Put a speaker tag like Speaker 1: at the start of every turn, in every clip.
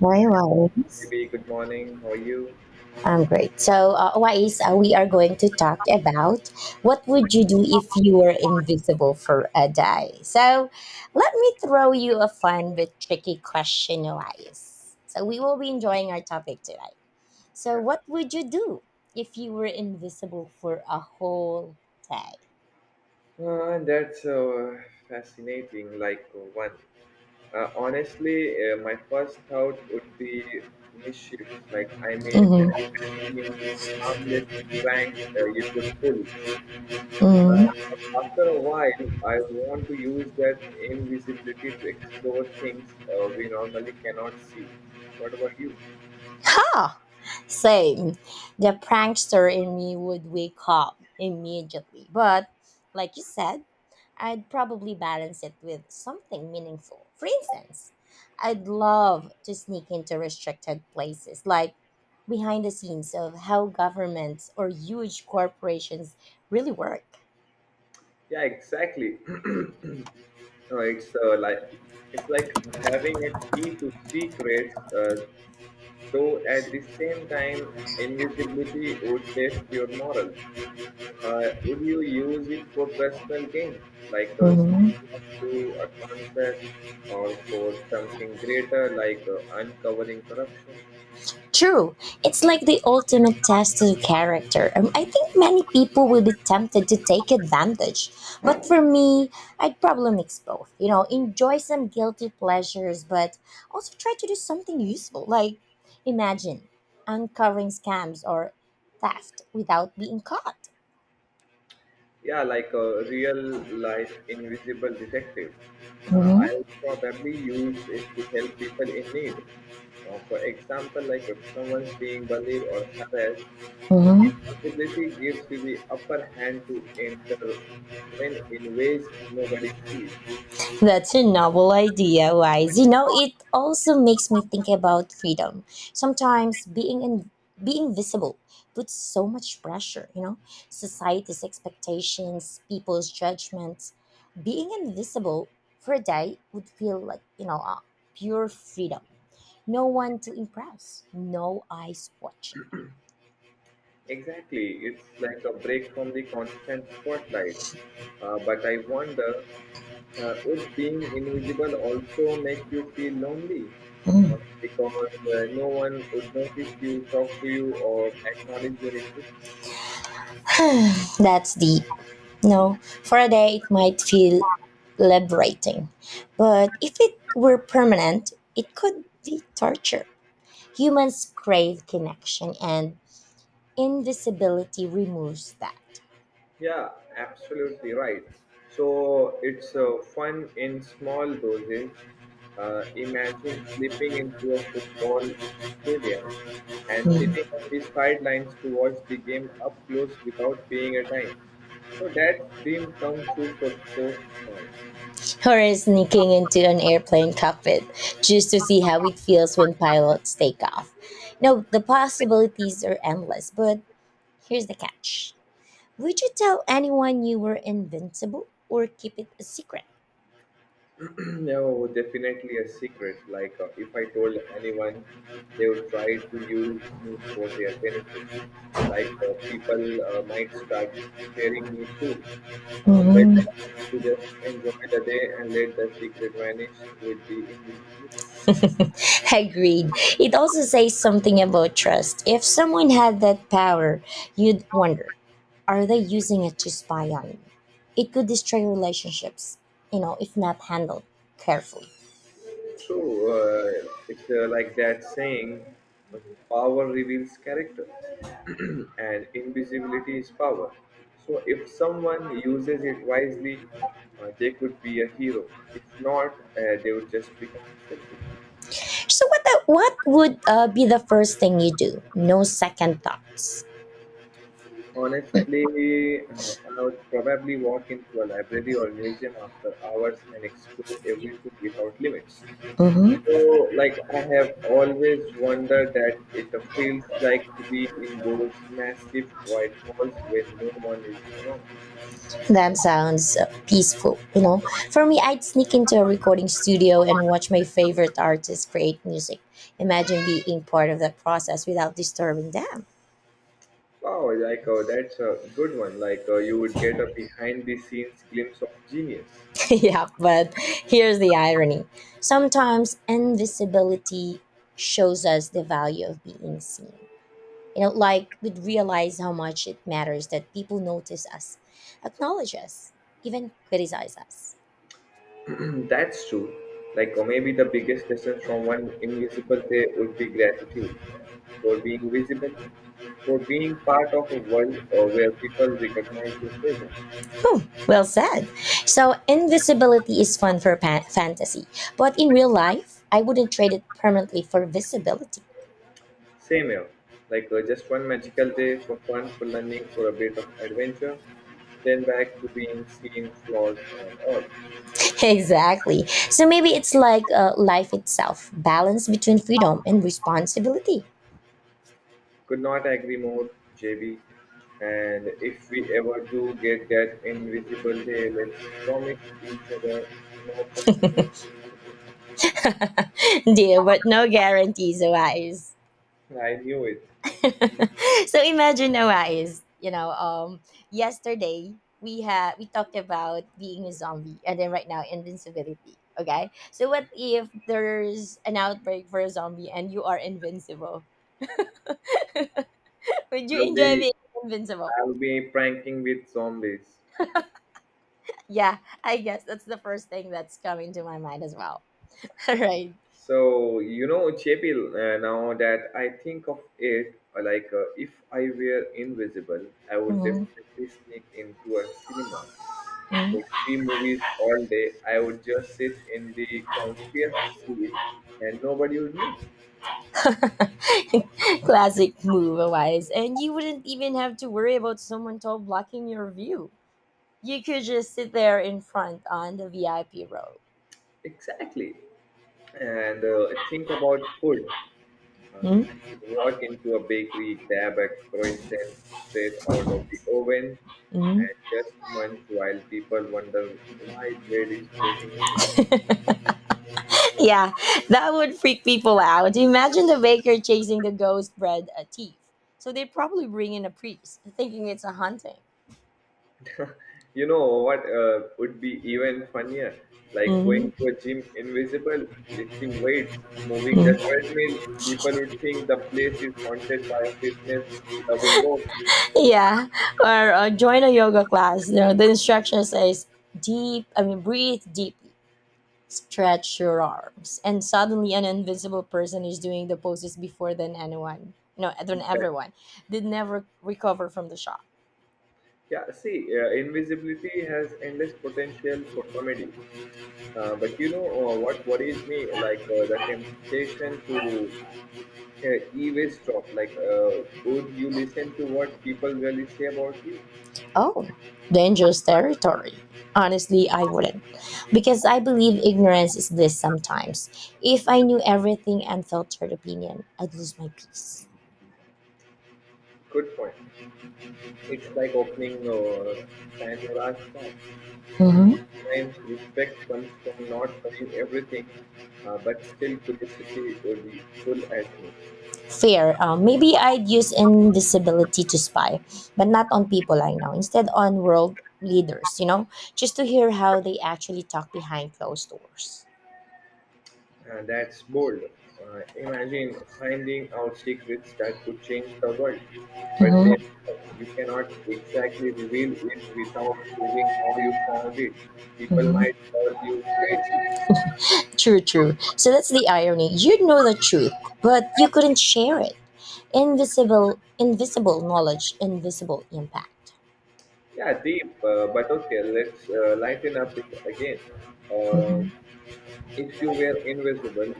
Speaker 1: Hi, Wise.
Speaker 2: Baby, good morning. How are you?
Speaker 1: I'm great. So, Wise, we are going to talk about what would you do if you were invisible for a day. So, let me throw you a fun but tricky question, Wise. So, we will be enjoying our topic today. So,
Speaker 2: Yeah,
Speaker 1: what would you do if you were invisible for a whole day?
Speaker 2: that's fascinating. My first thought would be mischief. Imagine the harmless pranks you could pull. Uh,
Speaker 1: Hmm.
Speaker 2: but after a while, I want to use that invisibility to explore things we normally cannot see. What about you?
Speaker 1: Ah, same. The prankster in me would wake up immediately, but like you said, I'd probably balance it with something meaningful. For instance, I'd love to sneak into restricted places, like behind the scenes of how governments or huge corporations really work.
Speaker 2: Yeah, exactly. No, it's like having a key to secrets, though at the same time, invisibility would test your morals. Would you use it for personal gain, like standing up to a concert, or for something greater, like uncovering corruption?
Speaker 1: True. It's like the ultimate test of character. I think many people will be tempted to take advantage. But for me, I'd probably mix both. You know, enjoy some guilty pleasures, but also try to do something useful. Like, imagine uncovering scams or theft without being caught.
Speaker 2: Yeah, like a real life invisible detective. Uh,
Speaker 1: Hmm.
Speaker 2: I would probably use it to help people in need. For example, like if someone's being bullied or harassed, visibility gives you the upper hand to intervene in ways nobody sees.
Speaker 1: That's a novel idea, Wise. You know, it also makes me think about freedom. Sometimes being visible puts so much pressure, you know, society's expectations, people's judgments. Being invisible for a day would feel like, pure freedom. No one to impress, no eyes watching.
Speaker 2: Exactly. It's like a break from the constant spotlight. But I wonder, would being invisible also make you feel lonely? Uh, because no one would notice you, talk to you, or acknowledge your existence.
Speaker 1: That's deep. No, for a day it might feel liberating, but if it were permanent, it could be torture. Humans crave connection, and invisibility removes that.
Speaker 2: Yeah, absolutely right. So it's fun in small doses. Imagine slipping into a football stadium and sitting
Speaker 1: Mm.
Speaker 2: on the sidelines to watch the game up close without paying a dime. So that dream come true for sports fans.
Speaker 1: Or sneaking into an airplane cockpit just to see how it feels when pilots take off. No, the possibilities are endless, but here's the catch. Would you tell anyone you were invincible or keep it a secret?
Speaker 2: No, definitely a secret. If I told anyone, they would try to use me for their benefit. People might start fearing me too. Better to just enjoy the day and let the secret vanish with the invisibility.
Speaker 1: Agreed. It also says something about trust. If someone had that power, you'd wonder, are they using it to spy on me? It could destroy relationships, you know, if not handled carefully.
Speaker 2: True, it's like that saying, power reveals character, and invisibility is power. So, if someone uses it wisely, they could be a hero. If not, they would just become selfish.
Speaker 1: So what would be the first thing you do? No second thoughts.
Speaker 2: Honestly, I would probably walk into a library or museum after hours and explore everything without limits.
Speaker 1: Hmm.
Speaker 2: So, I have always wondered that it feels like to be in those massive quiet halls when no one is around.
Speaker 1: That sounds peaceful, you know. For me, I'd sneak into a recording studio and watch my favorite artists create music. Imagine being part of that process without disturbing them.
Speaker 2: Wow, that's a good one. You would get a behind the scenes glimpse of genius.
Speaker 1: Yeah, but here's the irony. Sometimes invisibility shows us the value of being seen. You know, like we'd realize how much it matters that people notice us, acknowledge us, even criticize us.
Speaker 2: That's true. Like, or maybe the biggest lesson from one invisible day would be gratitude for being visible, for being part of a world where people recognize your presence.
Speaker 1: Well said. So, invisibility is fun for fantasy, but in real life, I wouldn't trade it permanently for visibility.
Speaker 2: Same here. Just one magical day for fun, for learning, for a bit of adventure, then back to being seen flaws and all.
Speaker 1: Exactly. So, maybe it's like life itself, balance between freedom and responsibility.
Speaker 2: Could not agree more, JB. And if we ever do get that invisible day, let's promise each other no pranking.
Speaker 1: Deal, but no guarantees, Wise.
Speaker 2: I knew it.
Speaker 1: So imagine, Wise, you know, yesterday we talked about being a zombie, and then right now invincibility. Okay, so what if there's an outbreak for a zombie and you are invincible? Would you
Speaker 2: I'll
Speaker 1: enjoy
Speaker 2: be
Speaker 1: being invincible?
Speaker 2: I'll be pranking with zombies.
Speaker 1: Yeah, I guess that's the first thing that's coming to my mind as well. Right,
Speaker 2: So, you know, Chebil, now that I think of it, like if I were invisible, I
Speaker 1: right.
Speaker 2: would
Speaker 1: Mhm.
Speaker 2: definitely sneak into a cinema for 3 movies all day. I would just sit in the comfiest seat and nobody would know.
Speaker 1: Classic move, Wise, and you wouldn't even have to worry about someone tall blocking your view. You could just sit there in front on the VIP row.
Speaker 2: Exactly. And think about food. Uh, I could walk into a bakery, grab a croissant straight out of the oven,
Speaker 1: Mm-hmm.
Speaker 2: and just munch while people wonder why bread is floating away.
Speaker 1: Yeah, that would freak people out. Imagine the baker chasing the ghost bread, a thief. So they probably bring in a priest, thinking it's a hunting.
Speaker 2: You know what would be even funnier? Like going to
Speaker 1: Mm-hmm.
Speaker 2: a gym invisible, lifting weights, moving the treadmill. People would think the place is haunted by a fitness loving ghost.
Speaker 1: Yeah, or join a yoga class. You know, the instruction says deep. I mean, breathe deeply. Stretch your arms, and suddenly an invisible person is doing the poses before then anyone. No, than
Speaker 2: But,
Speaker 1: everyone. They never recover from the shock.
Speaker 2: yeah, see, invisibility has endless potential for comedy. But you know what worries me? The temptation to eavesdrop. Would you listen to what people really say about you?
Speaker 1: Oh, dangerous territory. Honestly, I wouldn't. Because I believe ignorance is bliss sometimes. If I knew everything and filtered opinion, I'd lose my peace.
Speaker 2: Good point. It's like opening Pandora's box.
Speaker 1: Mhm.
Speaker 2: Sometimes respect comes from not knowing everything, but still curiosity would be pull at me.
Speaker 1: Fair. Maybe I'd use invisibility to spy, but not on people I know. Instead, on world leaders, you know, just to hear how they actually talk behind closed doors.
Speaker 2: That's bold. Imagine finding out secrets that could change the world, but
Speaker 1: Hmm.
Speaker 2: then you cannot exactly reveal it without proving how you found it. People
Speaker 1: Hmm.
Speaker 2: might call you crazy.
Speaker 1: True, true. So that's the irony. You would know the truth, but you couldn't share it. Invisible invisible knowledge, invisible impact.
Speaker 2: Yeah, deep, but okay, let's lighten up it again. Uh,
Speaker 1: Mm-hmm.
Speaker 2: If you were invisible,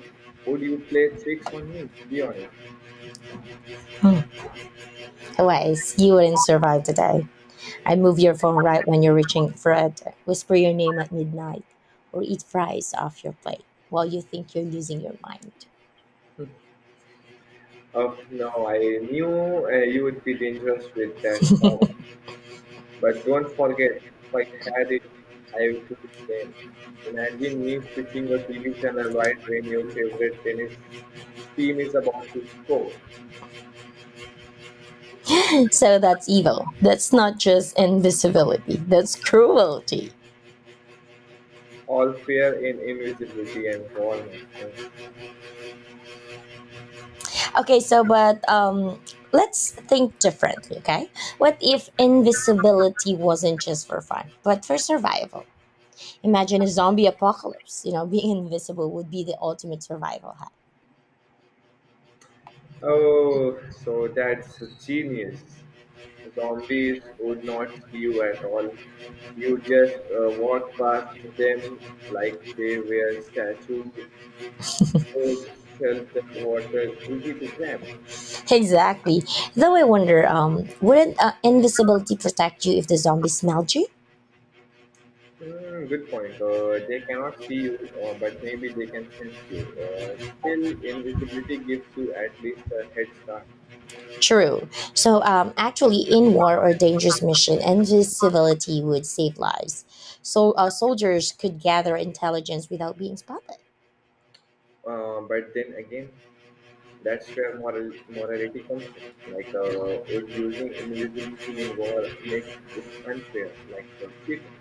Speaker 2: would you play tricks on me? Be honest.
Speaker 1: Hmm, ways you wouldn't survive the day. I move your phone right when you're reaching for it, whisper your name at midnight, or eat fries off your plate while you think you're losing your mind.
Speaker 2: Oh, no, I knew you would be dangerous with that power. But don't forget, if I had it, I would do the same. Imagine me switching your TV channel right when your favorite tennis team is about to score.
Speaker 1: So that's evil. That's not just invisibility, that's cruelty.
Speaker 2: All fear in invisibility and war, my friend.
Speaker 1: Okay, so but let's think differently, okay? What if invisibility wasn't just for fun but for survival? Imagine a zombie apocalypse. You know, being invisible would be the ultimate survival hack.
Speaker 2: Oh, so that's genius. Zombies would not see you at all. You just walk past them like they were statue, food, shelter, water, easy to grab.
Speaker 1: Exactly. Though I wonder, wouldn't invisibility protect you if the zombie smelled you?
Speaker 2: Hmm, good point. They cannot see you, but maybe they can sense you. Still, invisibility gives you at least a head start.
Speaker 1: True. So, actually, in war or dangerous mission, invisibility would save lives. So, soldiers could gather intelligence without being spotted.
Speaker 2: But then again, that's where morality comes in. Would using invisibility in war make it unfair? Like cheating.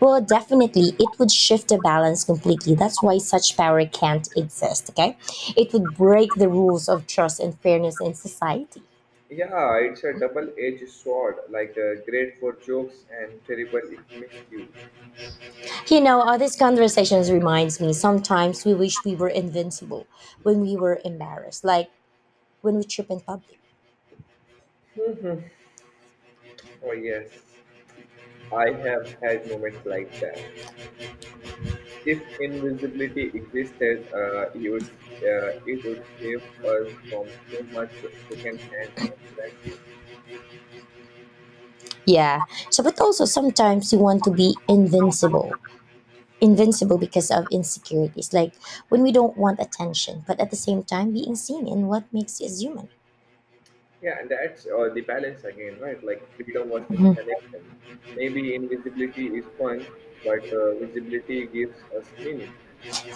Speaker 1: Well, definitely, it would shift the balance completely. That's why such power can't exist, okay? It would break the rules of trust and fairness in society.
Speaker 2: Yeah, it's a double-edged sword. Great for jokes and terrible if misused.
Speaker 1: You know, all these conversations reminds me sometimes we wish we were invincible when we were embarrassed, like when we trip in public.
Speaker 2: Oh yes, I have had moments like that. If invisibility existed, it would save us from so much second-hand embarrassment.
Speaker 1: Yeah. So but also sometimes we want to be invincible. Invincible because of insecurities, like when we don't want attention, but at the same time being seen in what makes us human.
Speaker 2: Yeah, and that's the balance again, right? Like freedom versus connection. Maybe invisibility is fun, but visibility gives us meaning.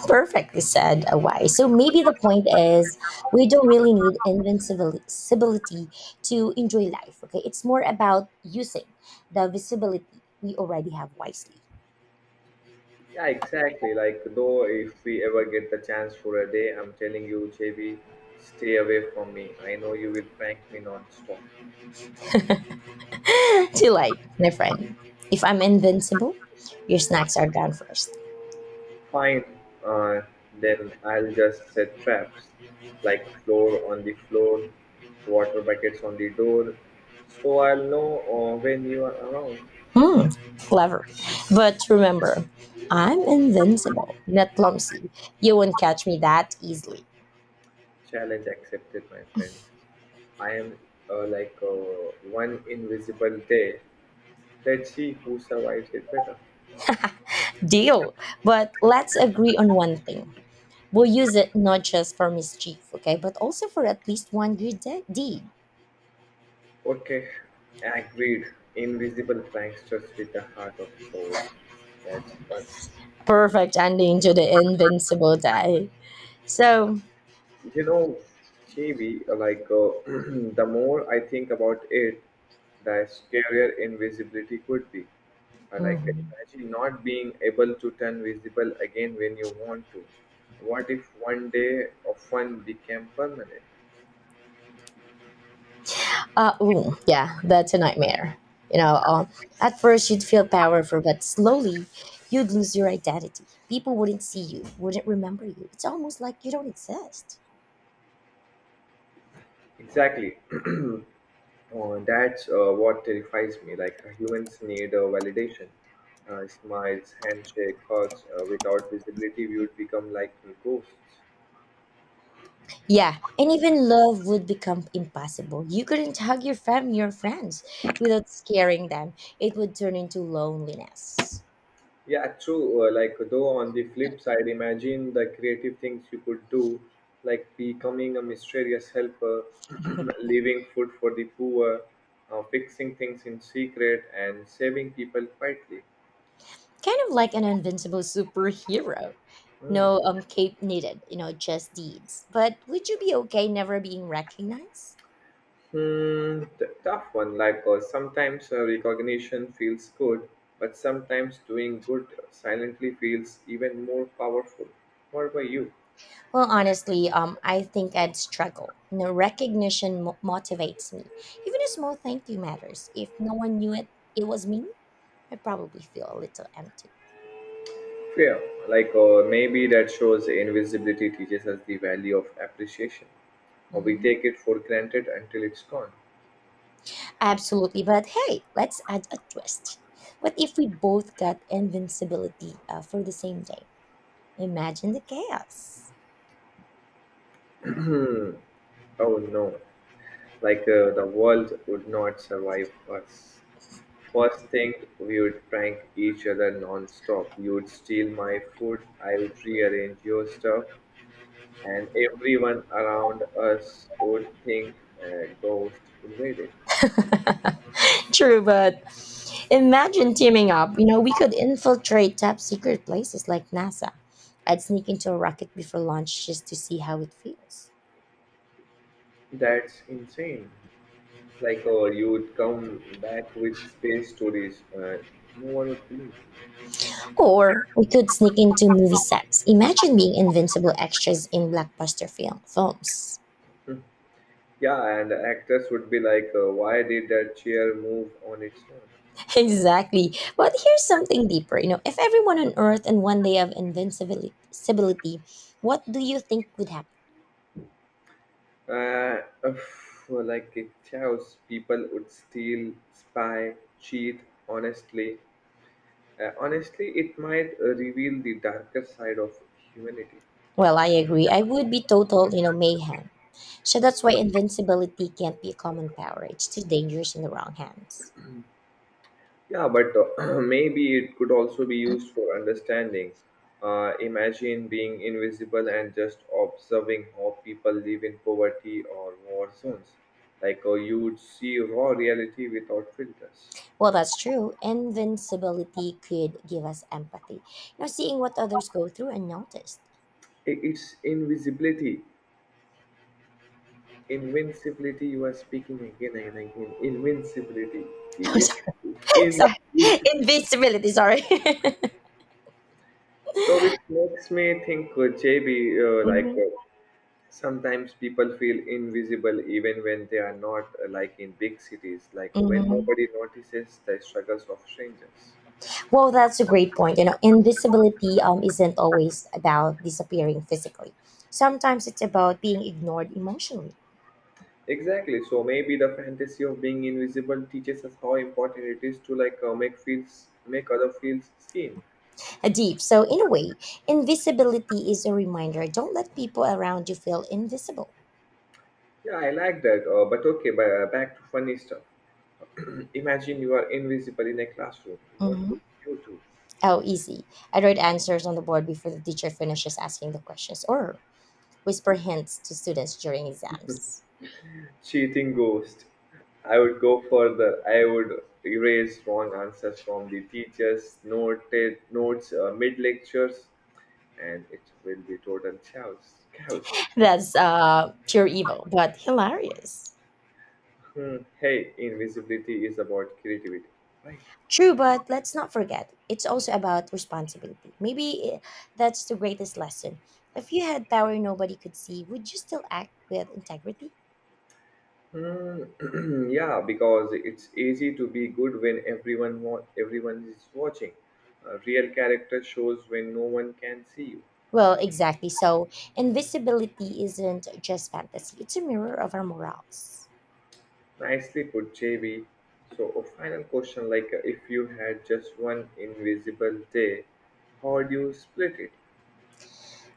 Speaker 1: Perfectly said, Awai. So maybe the point is we don't really need invincibility to enjoy life. Okay, it's more about using the visibility we already have wisely.
Speaker 2: Yeah, exactly. If we ever get the chance for a day, I'm telling you, JB, stay away from me. I know you will prank me non-stop.
Speaker 1: Too late, my friend. If I'm invincible, your snacks are down first.
Speaker 2: Fine, uh, then I'll just set traps, like floor on the floor, water buckets on the door, so I'll know when you are around.
Speaker 1: Hmm, clever. But remember, I'm invincible, not clumsy. You won't catch me that easily.
Speaker 2: Challenge accepted, my friend. I am uh, like uh, one invisible day. Let's see who survives it better.
Speaker 1: Deal. But let's agree on one thing. We'll use it not just for mischief, okay, but also for at least one good deed.
Speaker 2: Okay, agreed. Invisible pranksters with a heart of gold. That's us.
Speaker 1: Perfect ending to the invincible day. So,
Speaker 2: You know, Phoebe, the more I think about it, the scarier invisibility could be. Like
Speaker 1: mhm.
Speaker 2: imagine not being able to turn visible again when you want to. What if one day of fun became permanent?
Speaker 1: Ooh, yeah, that's a nightmare. You know, at first you'd feel powerful, but slowly you'd lose your identity. People wouldn't see you, wouldn't remember you. It's almost like you don't exist.
Speaker 2: Exactly. That's what terrifies me. Like humans need validation. Smiles, handshake, hugs. Without visibility, we would become like ghosts.
Speaker 1: Yeah, and even love would become impossible. You couldn't hug your family or friends without scaring them. It would turn into loneliness.
Speaker 2: Yeah, true. On the flip side, imagine the creative things you could do, like becoming a mysterious helper, leaving food for the poor, fixing things in secret, and saving people quietly.
Speaker 1: Kind of like an invincible superhero.
Speaker 2: Hmm.
Speaker 1: No cape needed, you know, just deeds. But would you be okay never being recognized?
Speaker 2: Tough one. Sometimes recognition feels good, but sometimes doing good silently feels even more powerful. What about you?
Speaker 1: Well, honestly, I think I'd struggle. You know, recognition motivates me. Even a small thank you matters. If no one knew it, it was me, I'd probably feel a little empty.
Speaker 2: Fair. Maybe that shows invisibility teaches us the value of appreciation, or we
Speaker 1: Mhm.
Speaker 2: take it for granted until it's gone.
Speaker 1: Absolutely. But hey, let's add a twist. What if we both got invincibility for the same day? Imagine the chaos.
Speaker 2: Hmm. Oh no. The world would not survive us. First thing, we would prank each other non-stop. You would steal my food, I would rearrange your stuff, and everyone around us would think a ghost invaded.
Speaker 1: True, but imagine teaming up. You know, we could infiltrate top secret places like NASA. I'd sneak into a rocket before launch just to see how it feels.
Speaker 2: That's insane. You would come back with space stories no one would believe.
Speaker 1: Or we could sneak into movie sets. Imagine being invincible extras in blockbuster films.
Speaker 2: Yeah and The actors would be like why did that chair move on its own.
Speaker 1: Exactly. But here's something deeper. You know, if everyone on Earth and one day of invincibility, what do you think would happen?
Speaker 2: uh, like a Chaos. People would steal, spy, cheat honestly honestly it might reveal the darker side of humanity.
Speaker 1: Well, I agree. I would be total, you know, mayhem. So that's why invincibility can't be a common power. It's too dangerous in the wrong hands.
Speaker 2: Yeah, but maybe it could also be used for understanding. Imagine being invisible and just observing how people live in poverty or war zones. You would see raw reality without filters.
Speaker 1: Well, that's true. Invincibility could give us empathy. You know, seeing what others go through and noticed.
Speaker 2: It's invisibility, invincibility. You are speaking again and again. Invincibility. It's
Speaker 1: Sorry, sorry.
Speaker 2: invincibility.
Speaker 1: Invincibility, sorry.
Speaker 2: So it makes me think, JB, uh, like.
Speaker 1: Mhm.
Speaker 2: Uh, sometimes people feel invisible even when they are not, like in big cities, like when
Speaker 1: Mhm.
Speaker 2: nobody notices the struggles of strangers.
Speaker 1: Well, that's a great point. You know, invisibility isn't always about disappearing physically. Sometimes it's about being ignored emotionally.
Speaker 2: Exactly. So maybe the fantasy of being invisible teaches us how important it is to make other feels seen.
Speaker 1: A deep. So, in a way, invisibility is a reminder. Don't let people around you feel invisible.
Speaker 2: Yeah, I like that. But okay, but, back to funny stuff. Imagine you are invisible in a classroom. What
Speaker 1: Mhm.
Speaker 2: would you do?
Speaker 1: Oh, easy. I write answers on the board before the teacher finishes asking the questions, or whisper hints to students during exams.
Speaker 2: Cheating ghost. I would go further. I would erase wrong answers from the teachers' noted notes mid lectures, and it will be total chaos. Chaos.
Speaker 1: That's pure evil, but hilarious.
Speaker 2: Hmm. Hey, invisibility is about creativity, right?
Speaker 1: True, but let's not forget, it's also about responsibility. Maybe that's the greatest lesson. If you had power nobody could see, would you still act with integrity?
Speaker 2: Hmm. Yeah, because it's easy to be good when everyone is watching. A real character shows when no one can see you.
Speaker 1: Well, exactly. So, invisibility isn't just fantasy, it's a mirror of our morals.
Speaker 2: Nicely put, JB. So, a final question like if you had just one invisible day, how would you split it?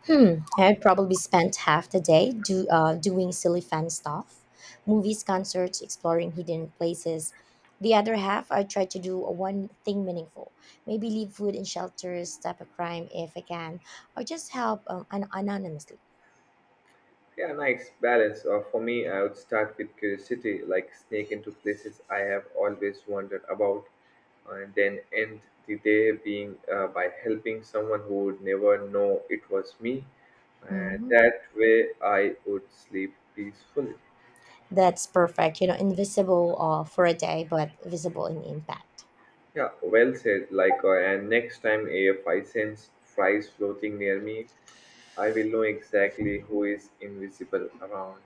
Speaker 1: Hmm, I'd probably spent half the day doing silly fan stuff, movies, concerts, exploring hidden places. The other half, I try to do one thing meaningful. Maybe leave food in shelters, stop a crime if I can, or just help anonymously.
Speaker 2: Yeah, nice balance. For me, I would start with curiosity, like sneak into places I have always wondered about, and then end the day being by helping someone who would never know it was me.
Speaker 1: Hmm.
Speaker 2: That way, I would sleep peacefully.
Speaker 1: That's perfect. You know, invisible for a day, but visible in impact.
Speaker 2: Yeah, well said. And next time if I sense flies floating near me, I will know exactly who is invisible around.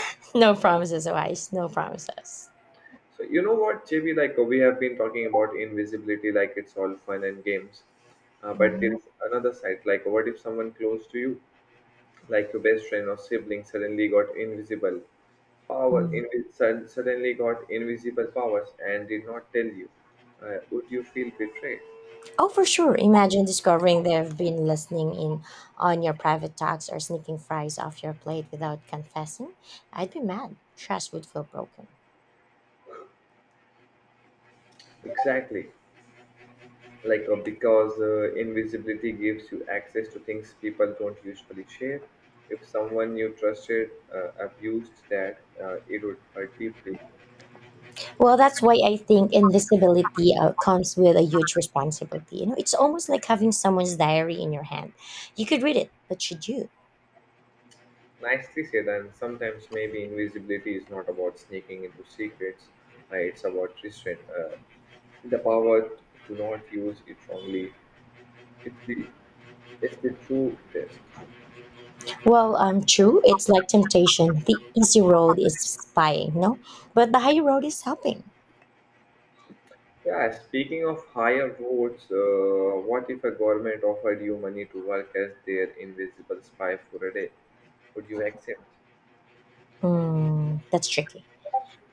Speaker 1: No promises, Wise. No promises.
Speaker 2: So you know what, JB? We have been talking about invisibility, like it's all fun and games, but there
Speaker 1: Mhm.
Speaker 2: is another side. Like, what if someone close to you, like your best friend or sibling, suddenly got invisible power?
Speaker 1: Mm.
Speaker 2: Suddenly got invisible powers and did not tell you. Would you feel betrayed?
Speaker 1: Oh, for sure. Imagine discovering they've been listening in on your private talks or sneaking fries off your plate without confessing. I'd be mad. Trust would feel broken.
Speaker 2: Exactly. Like because invisibility gives you access to things people don't usually share. If someone you trusted abused that, it would hurt deeply.
Speaker 1: Well, that's why I think invisibility comes with a huge responsibility. You know, it's almost like having someone's diary in your hand. You could read it, but should you?
Speaker 2: Nicely said. And sometimes maybe invisibility is not about sneaking into secrets. It's about restraint. The power to not use it wrongly. it's the it's the true test.
Speaker 1: Well, true. It's like temptation. The easy road is spying, no? But the high road is helping.
Speaker 2: Yeah, speaking of higher votes, what if a government offered you money to work as their invisible spy for a day? Would you accept?
Speaker 1: Mm, that's tricky.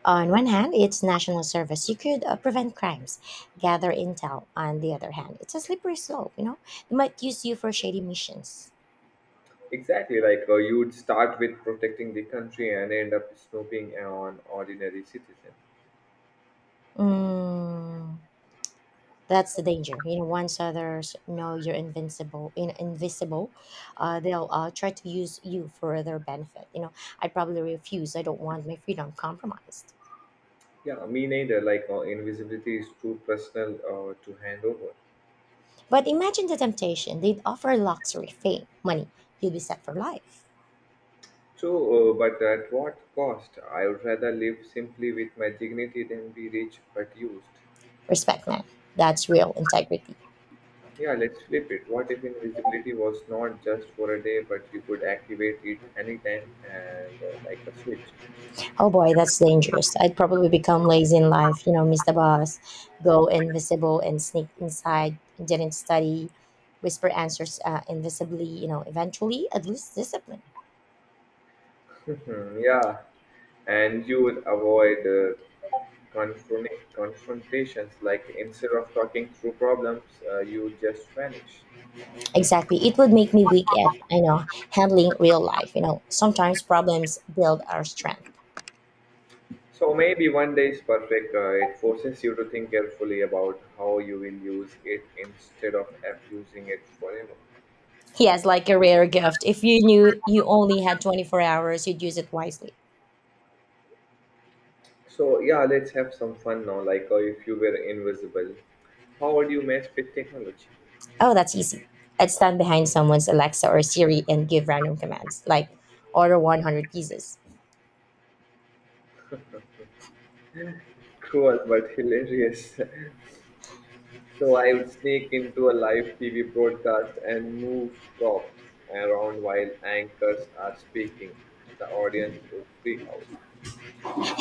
Speaker 1: On one hand, it's national service. You could prevent crimes, gather intel. On the other hand, it's a slippery slope, you know? They might use you for shady missions.
Speaker 2: Exactly. Like you would start with protecting the country and end up snooping on ordinary citizens.
Speaker 1: Mm, that's the danger. You know, once others know you're invincible, invisible, they'll try to use you for their benefit. You know, I'd probably refuse. I don't want my freedom compromised.
Speaker 2: Yeah, me neither. Like invisibility is too personal to hand over.
Speaker 1: But imagine the temptation. They'd offer luxury, fame, money. You'd be set for life.
Speaker 2: So, but at what cost? I would rather live simply with my dignity than be rich but used.
Speaker 1: Respect, man. That's real integrity.
Speaker 2: Yeah, let's flip it. What if invisibility was not just for a day, but you could activate it anytime and like a switch?
Speaker 1: Oh boy, that's dangerous. I'd probably become lazy in life, you know, miss the bus, go invisible and sneak inside, didn't study, whisper answers invisibly, you know, eventually I'd lose discipline.
Speaker 2: Hmm, yeah, and you would avoid confrontations. Like, instead of talking through problems, you would just vanish.
Speaker 1: Exactly. It would make me weak at, you know, handling real life. You know, sometimes problems build our strength.
Speaker 2: So maybe 1 day is perfect. It forces you to think carefully about how you will use it instead of abusing it forever.
Speaker 1: Yes, like a rare gift. If you knew you only had 24 hours, you'd use it wisely.
Speaker 2: So yeah, let's have some fun now. Like if you were invisible, how would you mess with technology?
Speaker 1: Oh, that's easy. I'd stand behind someone's Alexa or Siri and give random commands, like order 100 pieces.
Speaker 2: Cruel but hilarious. So I would sneak into a live TV broadcast and move props around while anchors are speaking. The audience would freak out.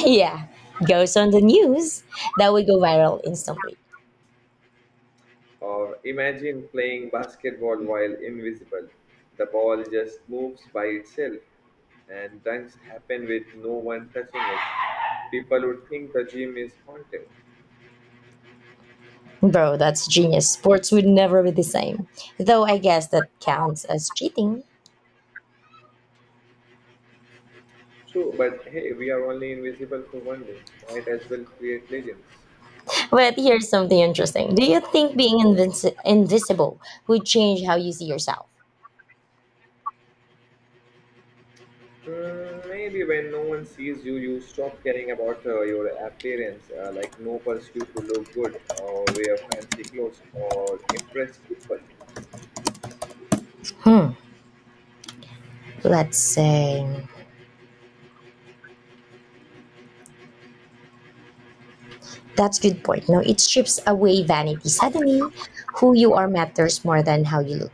Speaker 1: Yeah, goes on the news, that would go viral instantly.
Speaker 2: Or imagine playing basketball while invisible. The ball just moves by itself, and dunks happen with no one touching it. People would think the gym is haunted.
Speaker 1: Bro, that's genius. Sports would never be the same. Though I guess that counts as cheating.
Speaker 2: True, but hey, we are only invisible for 1 day. Might as well create legends.
Speaker 1: But here's something interesting. Do you think being invisible would change how you see yourself?
Speaker 2: Hmm, maybe when no one sees you, you stop caring about your appearance, like no pursuit to look good or wear fancy clothes or impress people.
Speaker 1: Let's say that's good point. No, it strips away vanity. Suddenly, who you are matters more than how you look.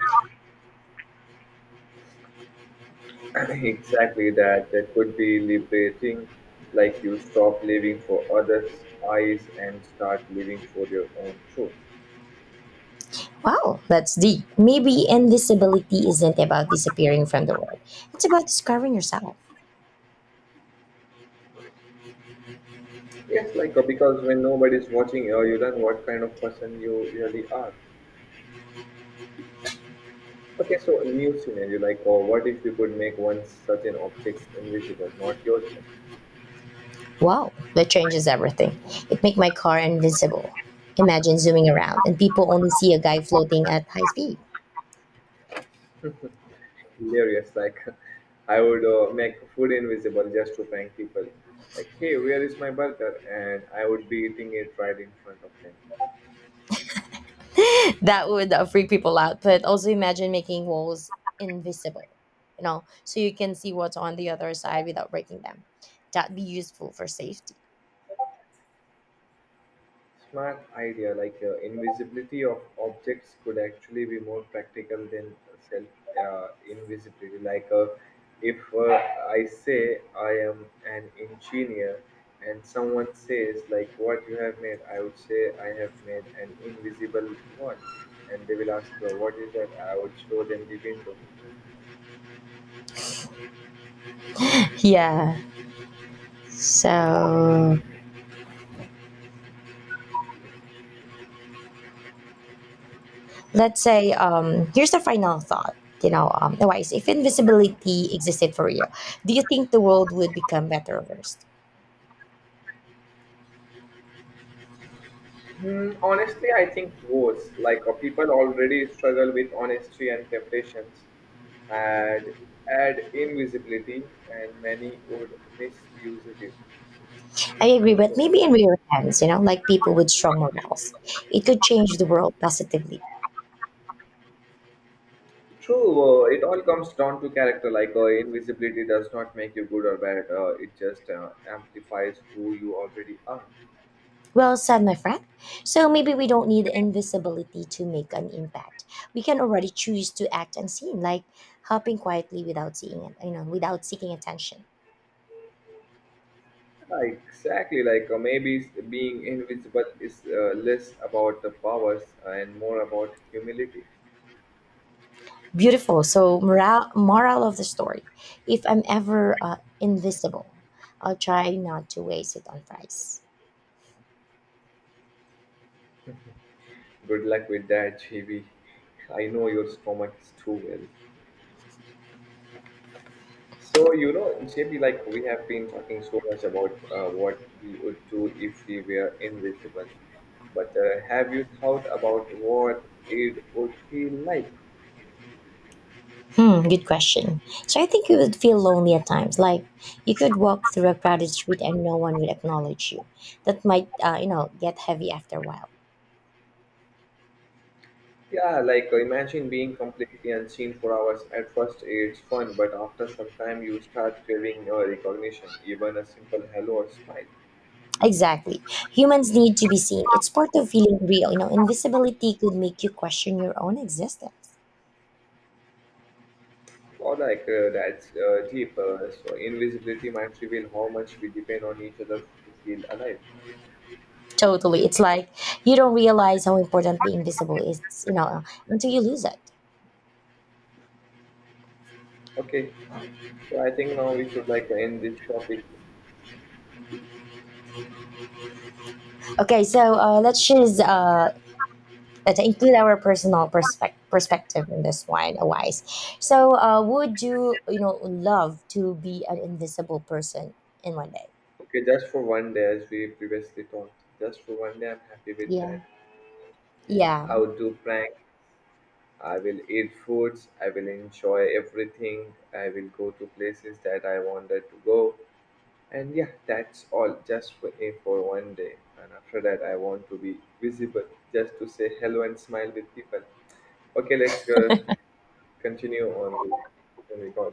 Speaker 2: Exactly that. That could be liberating, like you stop living for others' eyes and start living for your own truth.
Speaker 1: Wow, that's deep. Maybe invisibility isn't about disappearing from the world. It's about discovering yourself.
Speaker 2: Yes, like because when nobody's watching, you learn what kind of person you really are. Okay, so a new scenario, like, or what if you could make one such an object invisible, not yourself?
Speaker 1: Wow, that changes everything. It make my car invincible. Imagine zooming around and people only see a guy floating at high speed.
Speaker 2: Hilarious. Like, I would make food invisible just to prank people. Like, hey, where is my burger? And I would be eating it right in front of them.
Speaker 1: That would freak people out. But also imagine making walls invisible, you know, so you can see what's on the other side without breaking them. That'd be useful for safety.
Speaker 2: Smart idea. Like invisibility of objects could actually be more practical than self invisibility. Like if I say I am an engineer and someone says, like, what you have made, I would say I have made an invisible one, and they will ask, what is that? I would show them the window.
Speaker 1: Yeah. So let's say here's the final thought. You know, Wise. If invisibility existed for real, do you think the world would become better or worse?
Speaker 2: Hmm, honestly, I think worse. Like, people already struggle with honesty and temptations, and add invisibility, and many would misuse it
Speaker 1: I agree,
Speaker 2: for
Speaker 1: but
Speaker 2: sure.
Speaker 1: maybe in real hands, you know, like people with strong morals, it could change the world positively.
Speaker 2: True, it all comes down to character. Like, invisibility does not make you good or bad, it just amplifies who you already are.
Speaker 1: Well said, my friend. So maybe we don't need invisibility to make an impact. We can already choose to act unseen, like helping quietly without seeing it, you know, without seeking attention.
Speaker 2: Yeah, exactly. Like maybe being invisible is less about the powers and more about humility.
Speaker 1: Beautiful. So moral of the story: if I'm ever invisible, I'll try not to waste it on fries.
Speaker 2: Good luck with that, JB. I know your stomach is too well. So, you know, JB, like, we have been talking so much about what we would do if we were invisible. But have you thought about what it would feel like?
Speaker 1: Hmm, good question. So I think you would feel lonely at times. Like you could walk through a crowded street and no one would acknowledge you. That might, get heavy after a while.
Speaker 2: Yeah, like imagine being completely unseen for hours. At first, it's fun, but after some time, you start craving your recognition, even a simple hello or smile.
Speaker 1: Exactly. Humans need to be seen. It's part of feeling real. You know, invisibility could make you question your own existence.
Speaker 2: Or like that's deep. So invisibility might reveal how much we depend on each other to feel alive.
Speaker 1: Totally. It's like you don't realize how important being visible is, you know, until you lose it.
Speaker 2: Okay, so I think now we should like end this topic.
Speaker 1: Okay, so let's just to include our personal perspective in this one, Wise, so would you, you know love to be an invisible person in one day?
Speaker 2: Okay, just for 1 day, as we previously talked. Just for 1 day, I'm happy with
Speaker 1: Yeah.
Speaker 2: that. I
Speaker 1: Yeah.
Speaker 2: would do prank. I will eat foods. I will enjoy everything. I will go to places that I wanted to go. And yeah, that's all. Just for eh, for 1 day. And after that, I want to be visible, just to say hello and smile with people. Okay, let's continue on the recording.